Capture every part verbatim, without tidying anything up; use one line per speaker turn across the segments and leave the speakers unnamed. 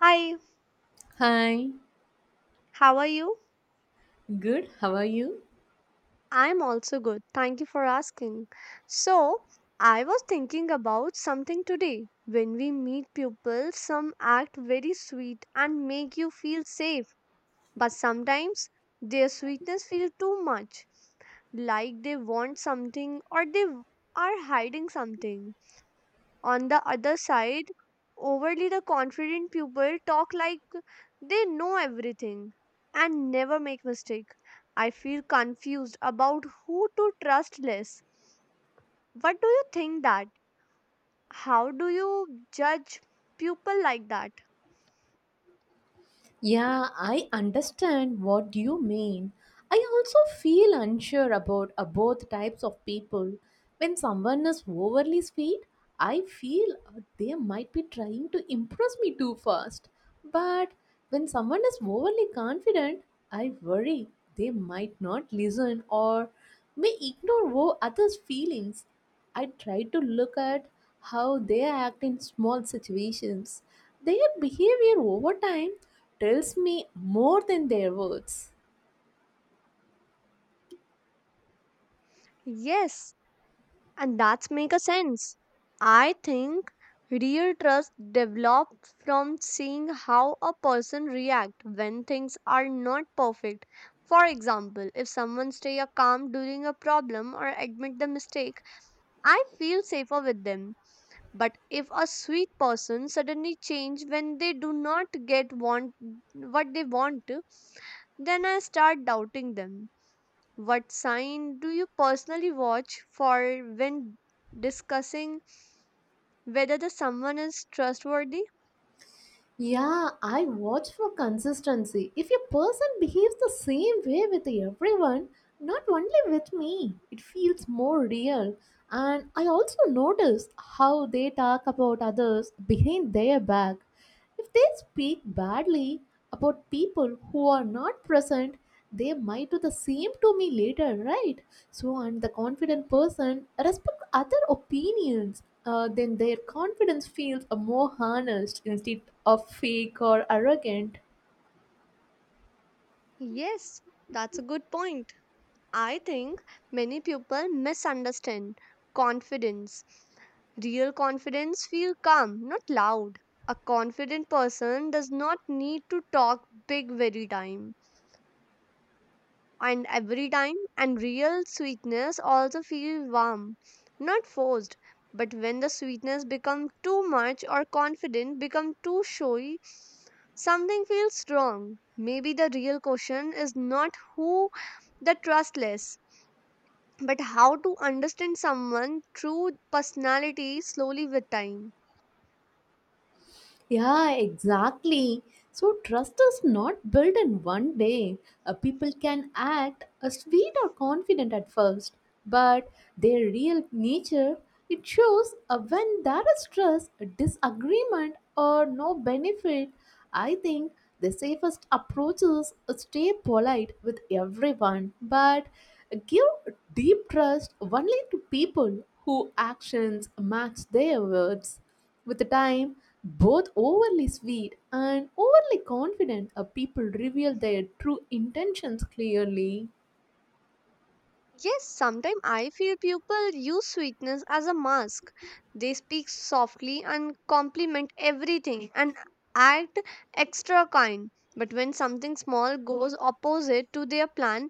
Hi,
Hi,
how are you?
good, how are you?
I'm also good. Thank you for asking. So, I was thinking about something today. When we meet people, some act very sweet and make you feel safe, but sometimes their sweetness feels too much, like they want something or they w- are hiding something. On the other side, overly the confident people talk like they know everything and never make mistake. I feel confused about who to trust less. What do you think that? How do you judge people like that?
Yeah, I understand what you mean. I also feel unsure about uh, both types of people. When someone is overly sweet, I feel uh, they might be trying to impress me too fast. But when someone is overly confident, I worry they might not listen or may ignore wo- others' feelings. I try to look at how they act in small situations. Their behavior over time tells me more than their words.
Yes, and that's make a sense, I think real trust develops from seeing how a person react when things are not perfect. For example, if someone stay a calm during a problem or admit the mistake, I feel safer with them. But if a sweet person suddenly change when they do not get want, what they want, then I start doubting them. What sign do you personally watch for when discussing whether the someone is trustworthy?
Yeah, I watch for consistency. If a person behaves the same way with everyone, not only with me, it feels more real. And I also notice how they talk about others behind their back. If they speak badly about people who are not present, they might do the same to me later, right? So, and the confident person respect other opinions. Uh, then their confidence feels uh, more honest instead of fake or arrogant.
Yes, that's a good point. I think many people misunderstand confidence. Real confidence feel calm, not loud. A confident person does not need to talk big very time and every time, and real sweetness also feels warm, not forced. But when the sweetness becomes too much or confident become too showy, something feels wrong. Maybe the real question is not who the trustless, but how to understand someone true personality slowly with time.
Yeah, exactly. So trust is not built in one day. Uh, people can act uh, sweet or confident at first, but their real nature it shows uh, when there is trust, a disagreement, or no benefit. I think the safest approach is uh, stay polite with everyone, but give deep trust only to people whose actions match their words. With the time, both overly sweet and overly confident uh, people reveal their true intentions clearly.
Yes, sometimes I feel people use sweetness as a mask. They speak softly and compliment everything and act extra kind. But when something small goes opposite to their plan,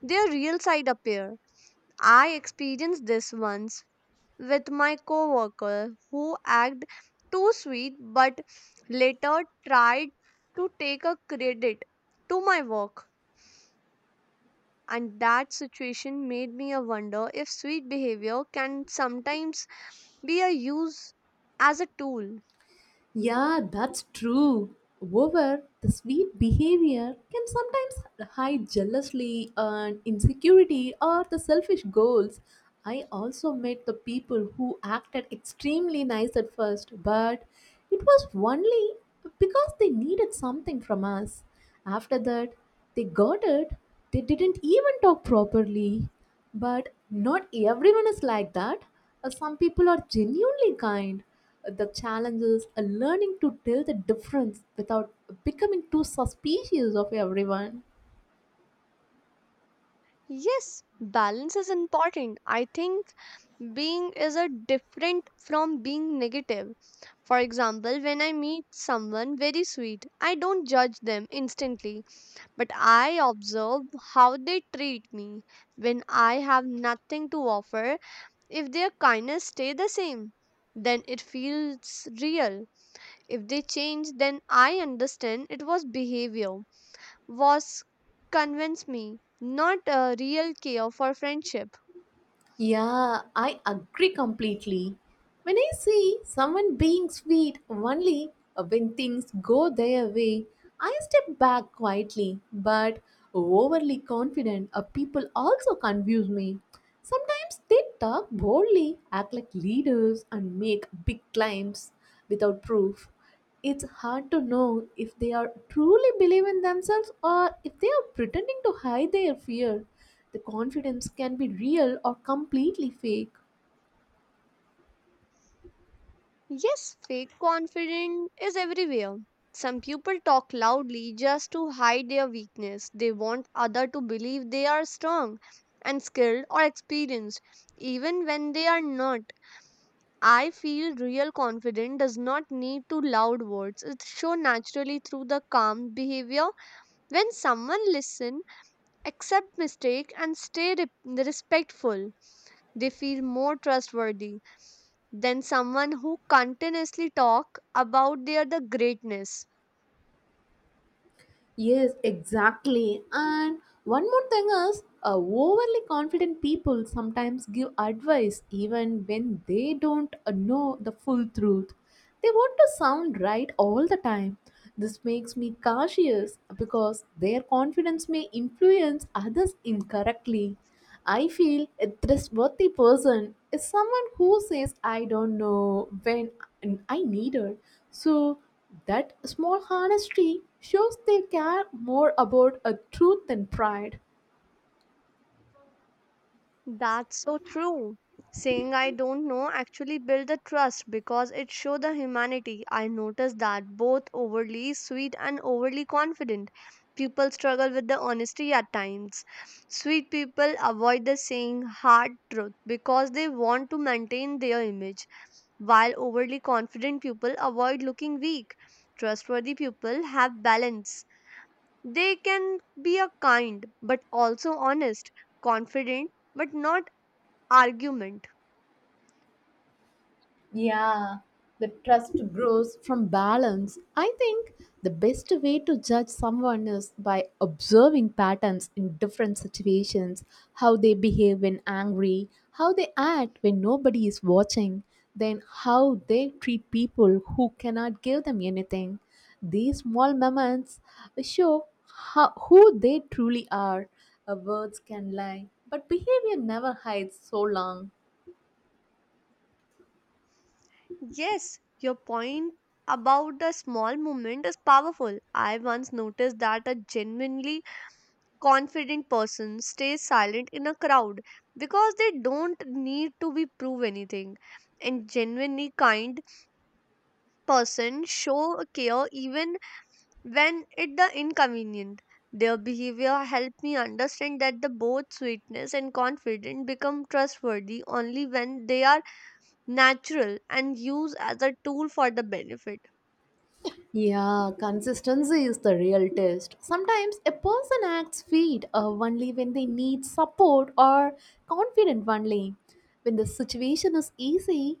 their real side appear. I experienced this once with my coworker who acted too sweet but later tried to take a credit to my work, and that situation made me a wonder if sweet behavior can sometimes be a use as a tool.
Yeah, that's true. Over the sweet behavior can sometimes hide jealousy and insecurity or the selfish goals. I also met the people who acted extremely nice at first, but it was only because they needed something from us. After that, they got it, they didn't even talk properly. But not everyone is like that. Uh, Some people are genuinely kind. Uh, The challenge is uh, learning to tell the difference without becoming too suspicious of everyone.
Yes, balance is important, I think being is a different from being negative. For example, when I meet someone very sweet, I don't judge them instantly, but I observe how they treat me when I have nothing to offer. If their kindness stay the same, then it feels real. If they change, then I understand it was behavior, was convince me, not a real care for friendship.
Yeah, I agree completely. When I see someone being sweet only when things go their way, I step back quietly, but overly confident uh, people also confuse me. Sometimes they talk boldly, act like leaders, and make big claims without proof. It's hard to know if they are truly believe in themselves or if they are pretending to hide their fear. The confidence can be real or completely fake.
Yes, fake confidence is everywhere. Some people talk loudly just to hide their weakness. They want other to believe they are strong and skilled or experienced, even when they are not. I feel real confidence does not need to loud words. It shows naturally through the calm behavior. When someone listens, accept mistake and stay re- respectful, they feel more trustworthy than someone who continuously talk about their the greatness.
Yes, exactly. And one more thing is, uh, overly confident people sometimes give advice even when they don't uh, know the full truth. They want to sound right all the time. This makes me cautious because their confidence may influence others incorrectly. I feel a trustworthy person is someone who says, I don't know when I need it. So that small honesty shows they care more about a truth than pride.
That's so true. Saying I don't know actually build the trust because it show the humanity. I notice that both overly sweet and overly confident people struggle with the honesty at times. Sweet people avoid the saying hard truth because they want to maintain their image, while overly confident people avoid looking weak. Trustworthy people have balance. They can be a kind but also honest, confident but not argument.
Yeah, the trust grows from balance. I think the best way to judge someone is by observing patterns in different situations, how they behave when angry, how they act when nobody is watching, then how they treat people who cannot give them anything. These small moments show how, who they truly are. Uh, Words can lie, but behavior never hides so long.
Yes, your point about a small movement is powerful. I once noticed that a genuinely confident person stays silent in a crowd because they don't need to be prove anything. And genuinely kind person show care even when it the inconvenient. Their behavior helped me understand that the both sweetness and confidence become trustworthy only when they are natural and used as a tool for the benefit.
Yeah, consistency is the real test. Sometimes a person acts fit uh, only when they need support or confident only. When the situation is easy,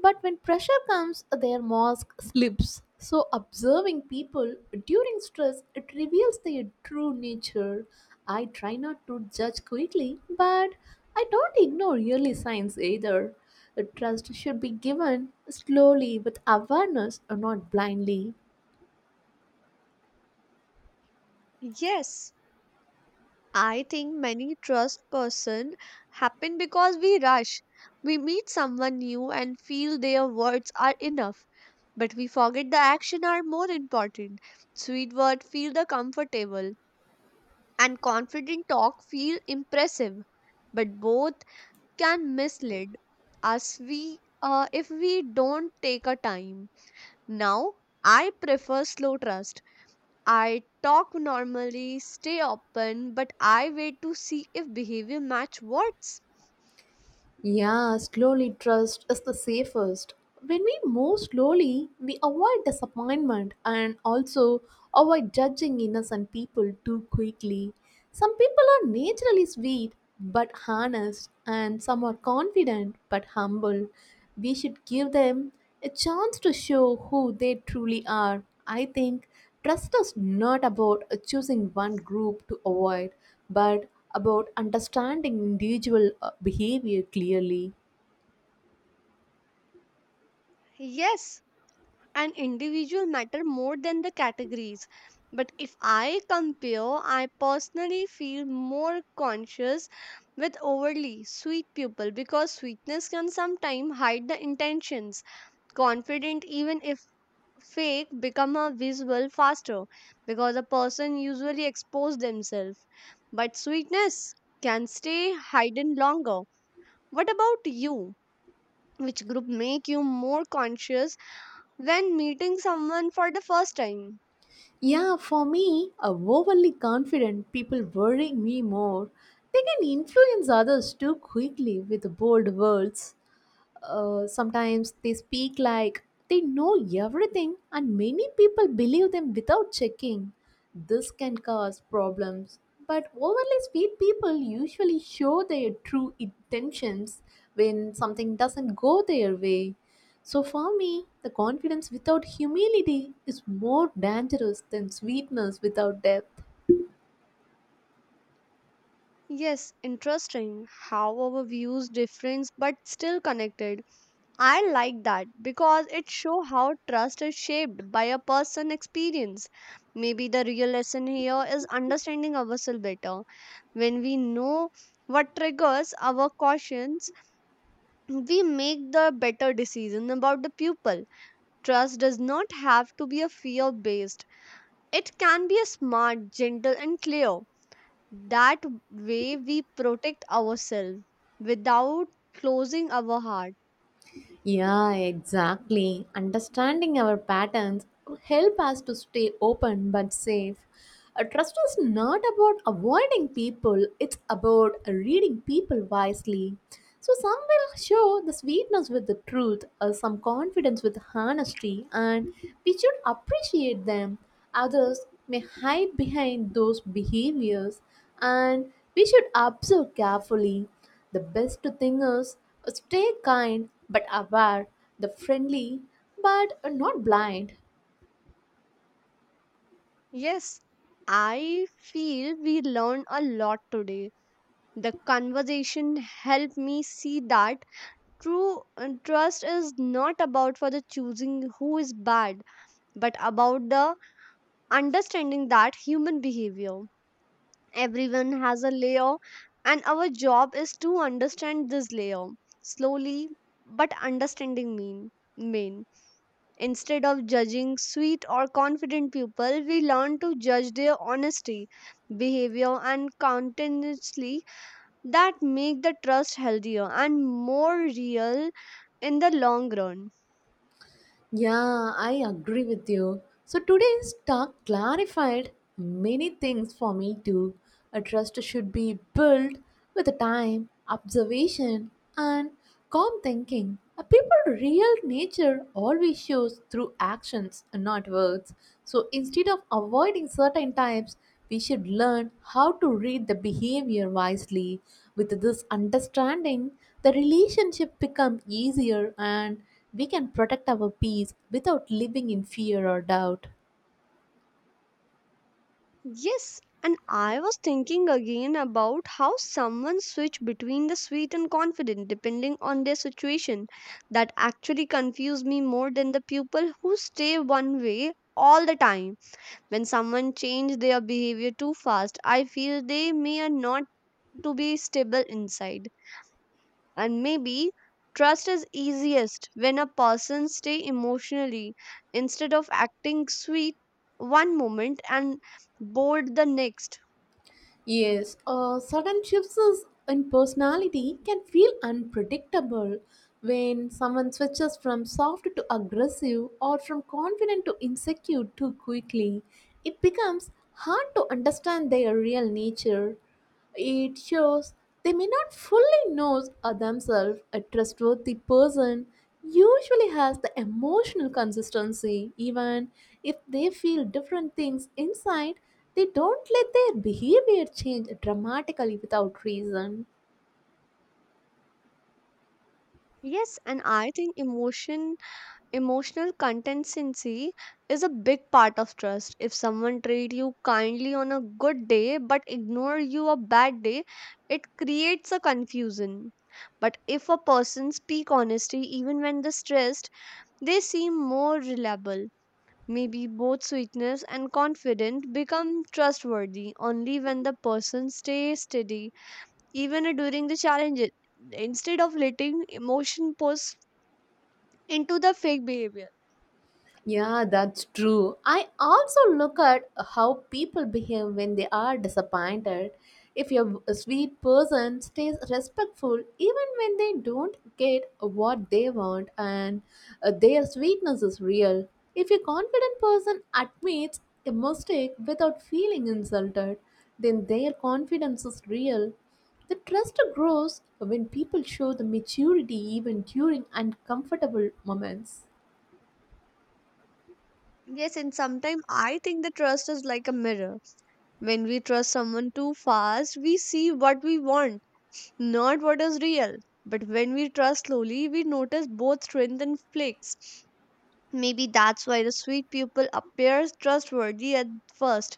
but when pressure comes, their mask slips. So, observing people during stress it reveals their true nature. I try not to judge quickly, but I don't ignore early signs either. The trust should be given slowly with awareness, and not blindly.
Yes, I think many trust person happen because we rush. We meet someone new and feel their words are enough, but we forget the action are more important. Sweet word feel the comfortable and confident talk feel impressive, but both can mislead us we uh, if we don't take a time. Now I prefer slow trust. I talk normally, stay open, but I wait to see if behavior match words.
Yeah, slowly trust is the safest. When we move slowly, we avoid disappointment and also avoid judging innocent people too quickly. Some people are naturally sweet but honest, and some are confident but humble. We should give them a chance to show who they truly are. I think trust is not about choosing one group to avoid, but about understanding individual uh, behavior clearly.
Yes, an individual matter more than the categories. But if I compare, I personally feel more conscious with overly sweet people because sweetness can sometimes hide the intentions. Confident, even if fake, become a visual faster because a person usually expose themselves, but sweetness can stay hidden longer. What about you? Which group make you more conscious when meeting someone for the first time?
Yeah, for me, uh, overly confident people worry me more. They can influence others too quickly with bold words. Uh, sometimes they speak like they know everything, and many people believe them without checking. This can cause problems. But overly sweet people usually show their true intentions when something doesn't go their way. So, for me, the confidence without humility is more dangerous than sweetness without depth.
Yes, interesting how our views difference but still connected. I like that because it shows how trust is shaped by a person experience. Maybe the real lesson here is understanding ourselves better. When we know what triggers our cautions, we make the better decision about the pupil. Trust does not have to be a fear based. It can be a smart, gentle and clear. That way we protect ourselves without closing our heart.
Yeah, exactly. Understanding our patterns will help us to stay open but safe. A trust is not about avoiding people, it's about reading people wisely. So some will show the sweetness with the truth, uh, some confidence with honesty, and we should appreciate them. Others may hide behind those behaviors, and we should observe carefully. The best thing is uh, stay kind but aware, the friendly but uh, not blind.
Yes, I feel we learned a lot today. The conversation helped me see that true uh, trust is not about for the choosing who is bad, but about the understanding that human behavior. Everyone has a layer, and our job is to understand this layer slowly, but understanding mean mean. Instead of judging sweet or confident people, we learn to judge their honesty, behavior, and countenances that make the trust healthier and more real in the long run.
Yeah, I agree with you. So today's talk clarified many things for me too. A trust should be built with the time, observation, and calm thinking. A people's real nature always shows through actions and not words. So instead of avoiding certain types, we should learn how to read the behavior wisely. With this understanding, the relationship become easier and we can protect our peace without living in fear or doubt.
Yes, and I was thinking again about how someone switch between the sweet and confident depending on their situation. That actually confuse me more than the people who stay one way all the time. When someone change their behavior too fast, I feel they may are not to be stable inside, and maybe trust is easiest when a person stay emotionally instead of acting sweet one moment and bored the next.
Yes, uh, sudden shifts is- in personality can feel unpredictable when someone switches from soft to aggressive or from confident to insecure too quickly. It becomes hard to understand their real nature. It shows they may not fully know uh, themselves a trustworthy person usually has the emotional consistency even if they feel different things inside they don't let their behavior change dramatically without reason.
Yes, and I think emotion emotional consistency is a big part of trust. If someone treat you kindly on a good day but ignore you a bad day, it creates a confusion. But if a person speak honesty even when they're stressed, they seem more reliable. Maybe both sweetness and confidence become trustworthy only when the person stays steady, even during the challenges, instead of letting emotion push into the fake behavior.
Yeah, that's true. I also look at how people behave when they are disappointed. If you're a sweet person stays respectful even when they don't get what they want and uh, their sweetness is real. If a confident person admits a mistake without feeling insulted, then their confidence is real. The trust grows when people show the maturity even during uncomfortable moments.
Yes, and sometimes I think the trust is like a mirror. When we trust someone too fast, we see what we want, not what is real. But when we trust slowly, we notice both strength and flakes. Maybe that's why the sweet people appears trustworthy at first.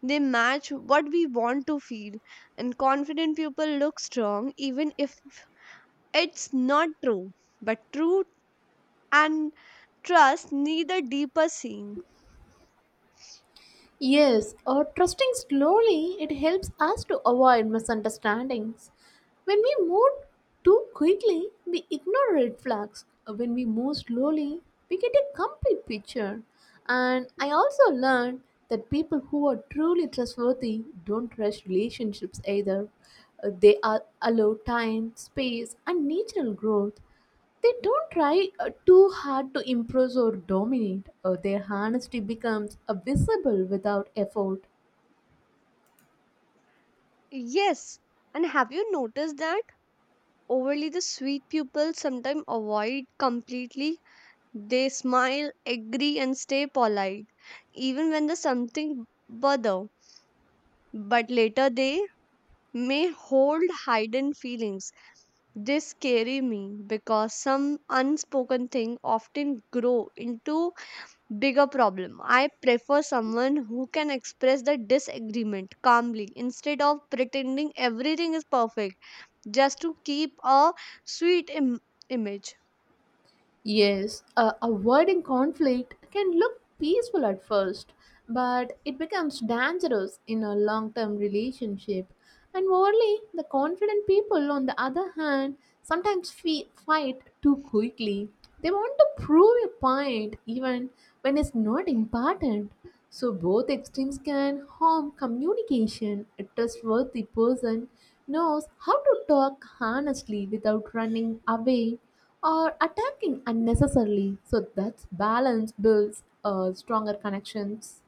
They match what we want to feel, and confident people look strong even if it's not true. But truth and trust need a deeper scene.
Yes, or trusting slowly, it helps us to avoid misunderstandings. When we move too quickly, we ignore red flags. When we move slowly, we get a complete picture. And I also learned that people who are truly trustworthy don't rush relationships either. Uh, They are allow time, space, and natural growth. They don't try uh, too hard to impress or dominate. Uh, their honesty becomes uh, visible without effort.
Yes, and have you noticed that overly the sweet people sometimes avoid completely? They smile, agree, and stay polite, even when there's something bother. But later they may hold hidden feelings. They scary me because some unspoken thing often grow into bigger problem. I prefer someone who can express the disagreement calmly instead of pretending everything is perfect just to keep a sweet Im- image.
Yes, uh, avoiding conflict can look peaceful at first, but it becomes dangerous in a long term relationship. And moreover, the confident people, on the other hand, sometimes fe- fight too quickly. They want to prove a point even when it's not important. So, both extremes can harm communication. A trustworthy person knows how to talk honestly without running away or attacking unnecessarily. So that balance builds uh, stronger connections.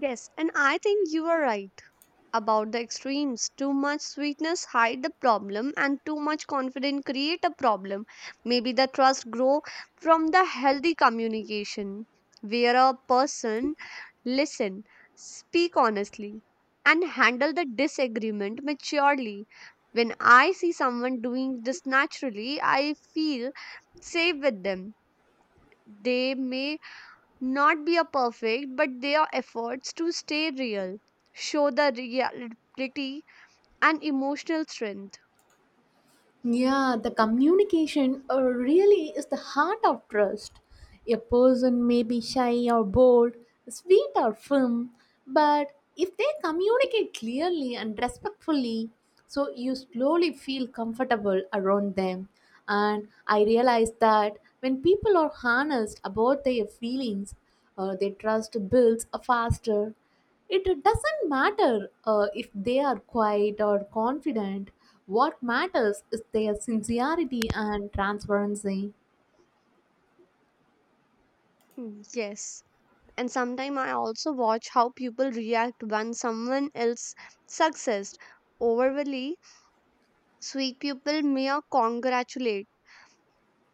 Yes, and I think you are right about the extremes. Too much sweetness hide the problem and too much confidence create a problem. Maybe the trust grow from the healthy communication where a person listen, speak honestly and handle the disagreement maturely. When I see someone doing this naturally, I feel safe with them. They may not be a perfect, but their efforts to stay real, show the reality and emotional strength.
Yeah, the communication uh, really is the heart of trust. A person may be shy or bold, sweet or firm, but if they communicate clearly and respectfully, so you slowly feel comfortable around them. And I realize that when people are honest about their feelings, uh, their trust builds uh, faster. It doesn't matter uh, if they are quiet or confident. What matters is their sincerity and transparency.
Mm, yes. And sometimes I also watch how people react when someone else success. Overly sweet people may uh, congratulate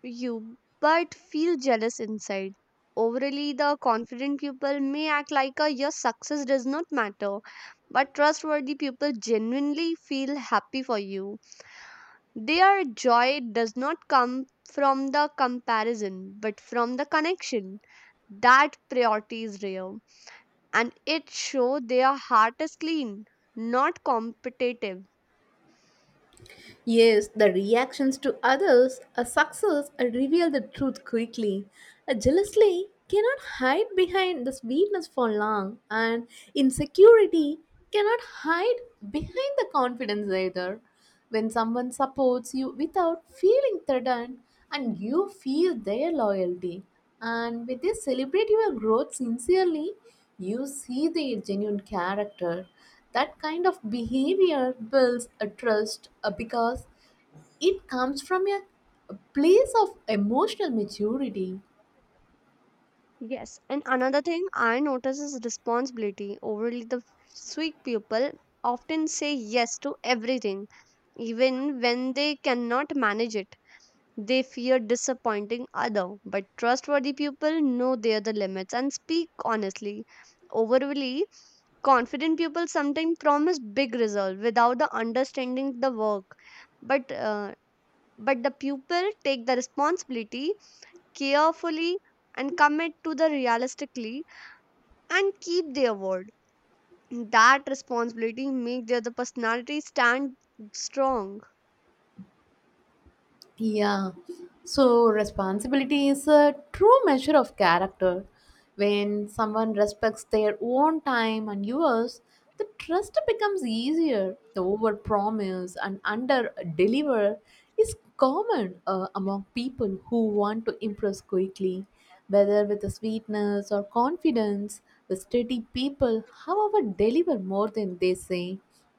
you but feel jealous inside. Overly the confident people may act like uh, your success does not matter, but trustworthy people genuinely feel happy for you. Their joy does not come from the comparison but from the connection. That priority is rare and it shows their heart is clean, not competitive.
Yes, the reactions to others, a success, a reveal the truth quickly. A jealously cannot hide behind the sweetness for long, and insecurity cannot hide behind the confidence either. When someone supports you without feeling threatened and you feel their loyalty, and with this celebrate your growth sincerely, you see their genuine character. That kind of behavior builds a trust uh, because it comes from a a place of emotional maturity.
Yes, and another thing I notice is responsibility. Overly, the sweet people often say yes to everything, even when they cannot manage it. They fear disappointing other, but trustworthy people know their the limits and speak honestly. Overly confident people sometimes promise big results without the understanding the work, but uh, but the pupil take the responsibility carefully and commit to the realistically and keep their word. That responsibility make their the personality stand strong.
Yeah. So responsibility is a true measure of character. When someone respects their own time and yours, the trust becomes easier. The overpromise and under deliver is common uh, among people who want to impress quickly, whether with the sweetness or confidence. The steady people, however, deliver more than they say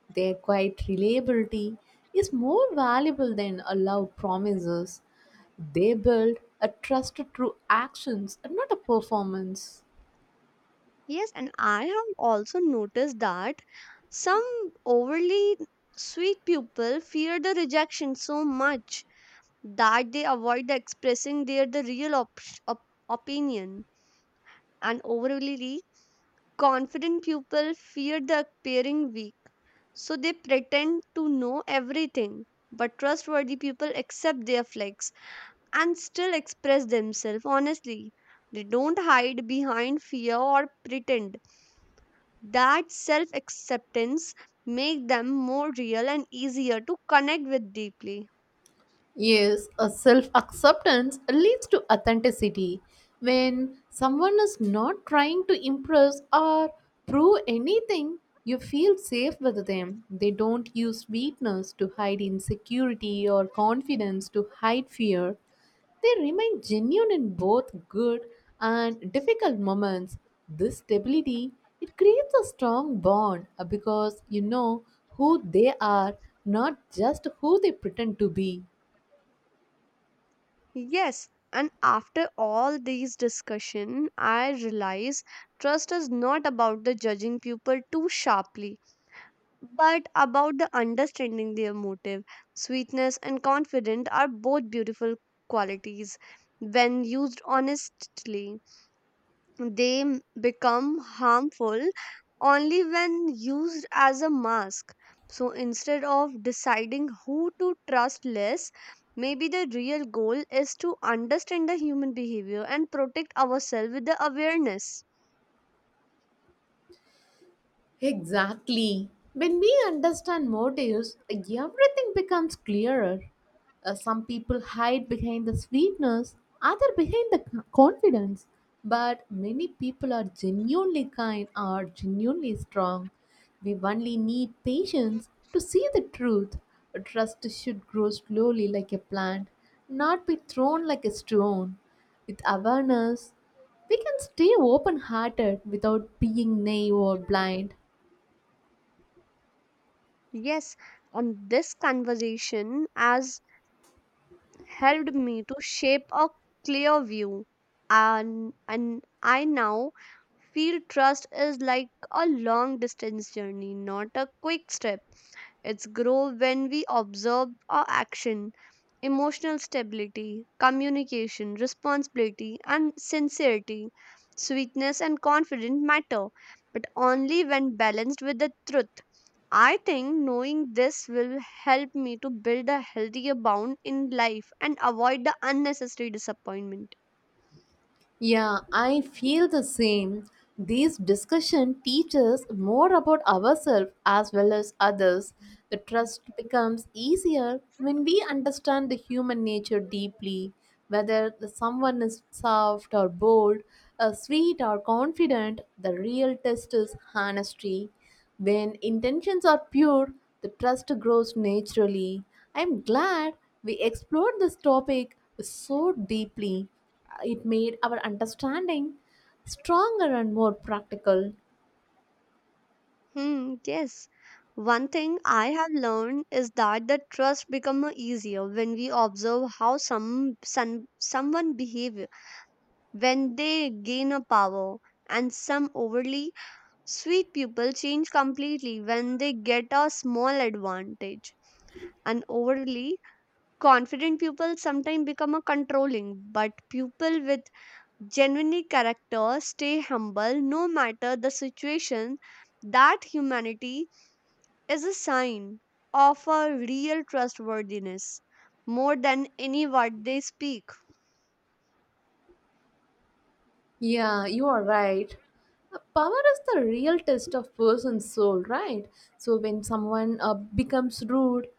their quiet reliability is more valuable than a loud promises. They build a trust through actions and not a performance.
Yes, and I have also noticed that some overly sweet people fear the rejection so much that they avoid the expressing their the real op- op- opinion, and overly confident people fear the appearing weak, so they pretend to know everything. But trustworthy people accept their flaws and still express themselves honestly. They don't hide behind fear or pretend. That self acceptance make them more real and easier to connect with deeply.
Yes, a self acceptance leads to authenticity. When someone is not trying to impress or prove anything, you feel safe with them. They don't use weakness to hide insecurity or confidence to hide fear. They remain genuine in both good and difficult moments. This stability it creates a strong bond uh, because you know who they are, not just who they pretend to be.
Yes, and after all these discussion, I realize trust is not about the judging people too sharply, but about the understanding their motive. Sweetness and confidence are both beautiful qualities. When used honestly, they m- become harmful only when used as a mask. So instead of deciding who to trust less, maybe the real goal is to understand the human behavior and protect ourselves with the awareness.
Exactly. When we understand motives, everything becomes clearer. Uh, some people hide behind the sweetness, other behind the c- confidence. But many people are genuinely kind or genuinely strong. We only need patience to see the truth. A trust should grow slowly like a plant, not be thrown like a stone. With awareness, we can stay open hearted without being naive or blind.
Yes, on this conversation has helped me to shape a clear view, and and I now feel trust is like a long distance journey, not a quick step. It's grow when we observe our action emotional stability, communication, responsibility, and sincerity, sweetness, and confidence matter, but only when balanced with the truth. I think knowing this will help me to build a healthier bound in life and avoid the unnecessary disappointment.
Yeah, I feel the same. These discussion teaches more about ourselves as well as others. The trust becomes easier when we understand the human nature deeply, whether the someone is soft or bold, uh, sweet or confident. The real test is honesty. When intentions are pure, the trust grows naturally. I'm glad we explored this topic so deeply it made our understanding stronger and more practical.
Hmm, yes. One thing I have learned is that the trust becomes easier when we observe how some, some someone behaves when they gain a power, and some overly sweet people change completely when they get a small advantage, and overly confident people sometimes become a controlling, but people with genuine character stay humble no matter the situation. That humanity is a sign of a real trustworthiness more than any word they speak.
Yeah, you are right. Uh, Power is the real test of person's soul, right? So when someone uh, becomes rude,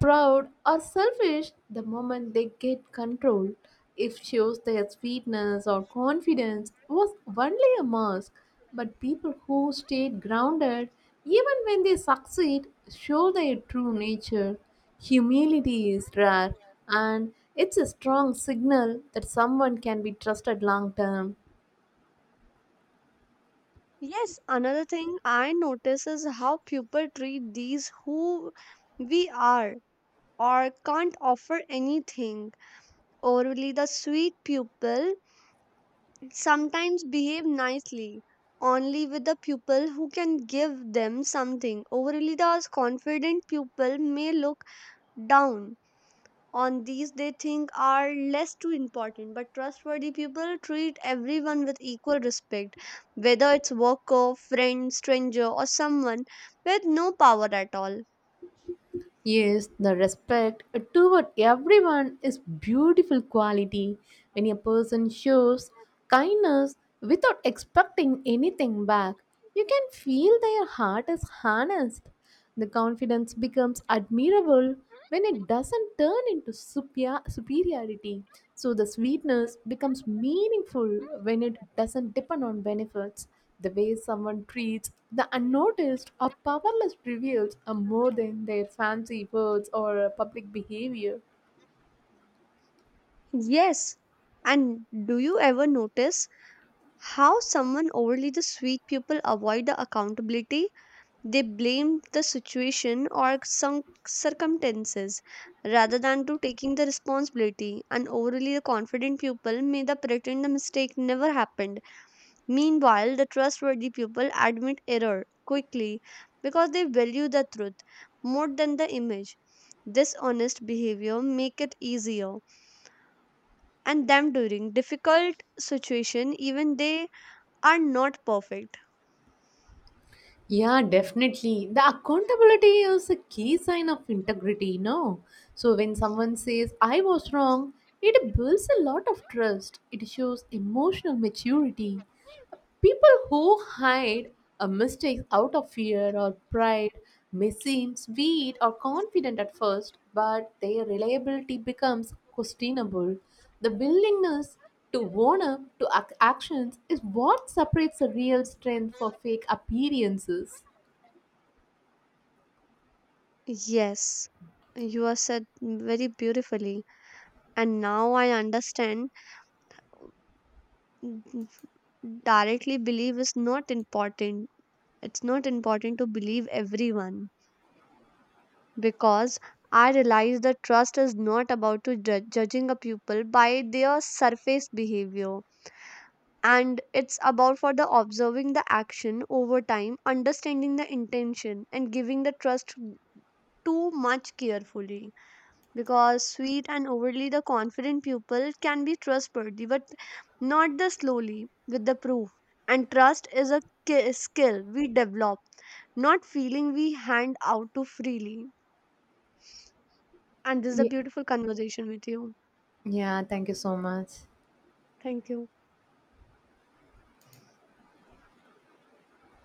proud, or selfish, the moment they get control, it shows their sweetness or confidence was only a mask. But people who stayed grounded, even when they succeed, show their true nature. Humility is rare, and it's a strong signal that someone can be trusted long term.
Yes, another thing I notice is how people treat these who we are or can't offer anything. Overly the sweet pupil sometimes behave nicely only with the pupil who can give them something. Overly the confident pupil may look down on these they think are less too important, but trustworthy people treat everyone with equal respect, whether it's worker friend stranger or someone with no power at all.
Yes, the respect toward everyone is beautiful quality. When a person shows kindness without expecting anything back, you can feel their heart is harnessed. The confidence becomes admirable when it doesn't turn into super- superiority. So the sweetness becomes meaningful when it doesn't depend on benefits. The way someone treats the unnoticed or powerless reveals a more than their fancy words or uh, public behavior.
Yes, and do you ever notice how someone overly the sweet people avoid the accountability? They blame the situation or some circumstances rather than to taking the responsibility, and overly the confident people may the pretend the mistake never happened. Meanwhile, the trustworthy people admit error quickly because they value the truth more than the image. Dishonest behavior make it easier and them during difficult situation even they are not perfect.
Yeah, definitely. The accountability is a key sign of integrity, no? So when someone says, I was wrong, it builds a lot of trust. It shows emotional maturity. People who hide a mistake out of fear or pride may seem sweet or confident at first, but their reliability becomes questionable. The willingness to own up to ac- actions is what separates the real strength for fake appearances.
Yes, you have said very beautifully and now I understand n- directly believe is not important. It's not important to believe everyone, because I realize that trust is not about to judge, judging a pupil by their surface behavior, and it's about for the observing the action over time understanding the intention and giving the trust too much carefully because sweet and overly the confident pupil can be trustworthy but not the slowly with the proof, and trust is a ki- skill we develop, not feeling we hand out too freely. And this is a
Ye-
beautiful conversation with you.
Yeah, thank you so much.
Thank you.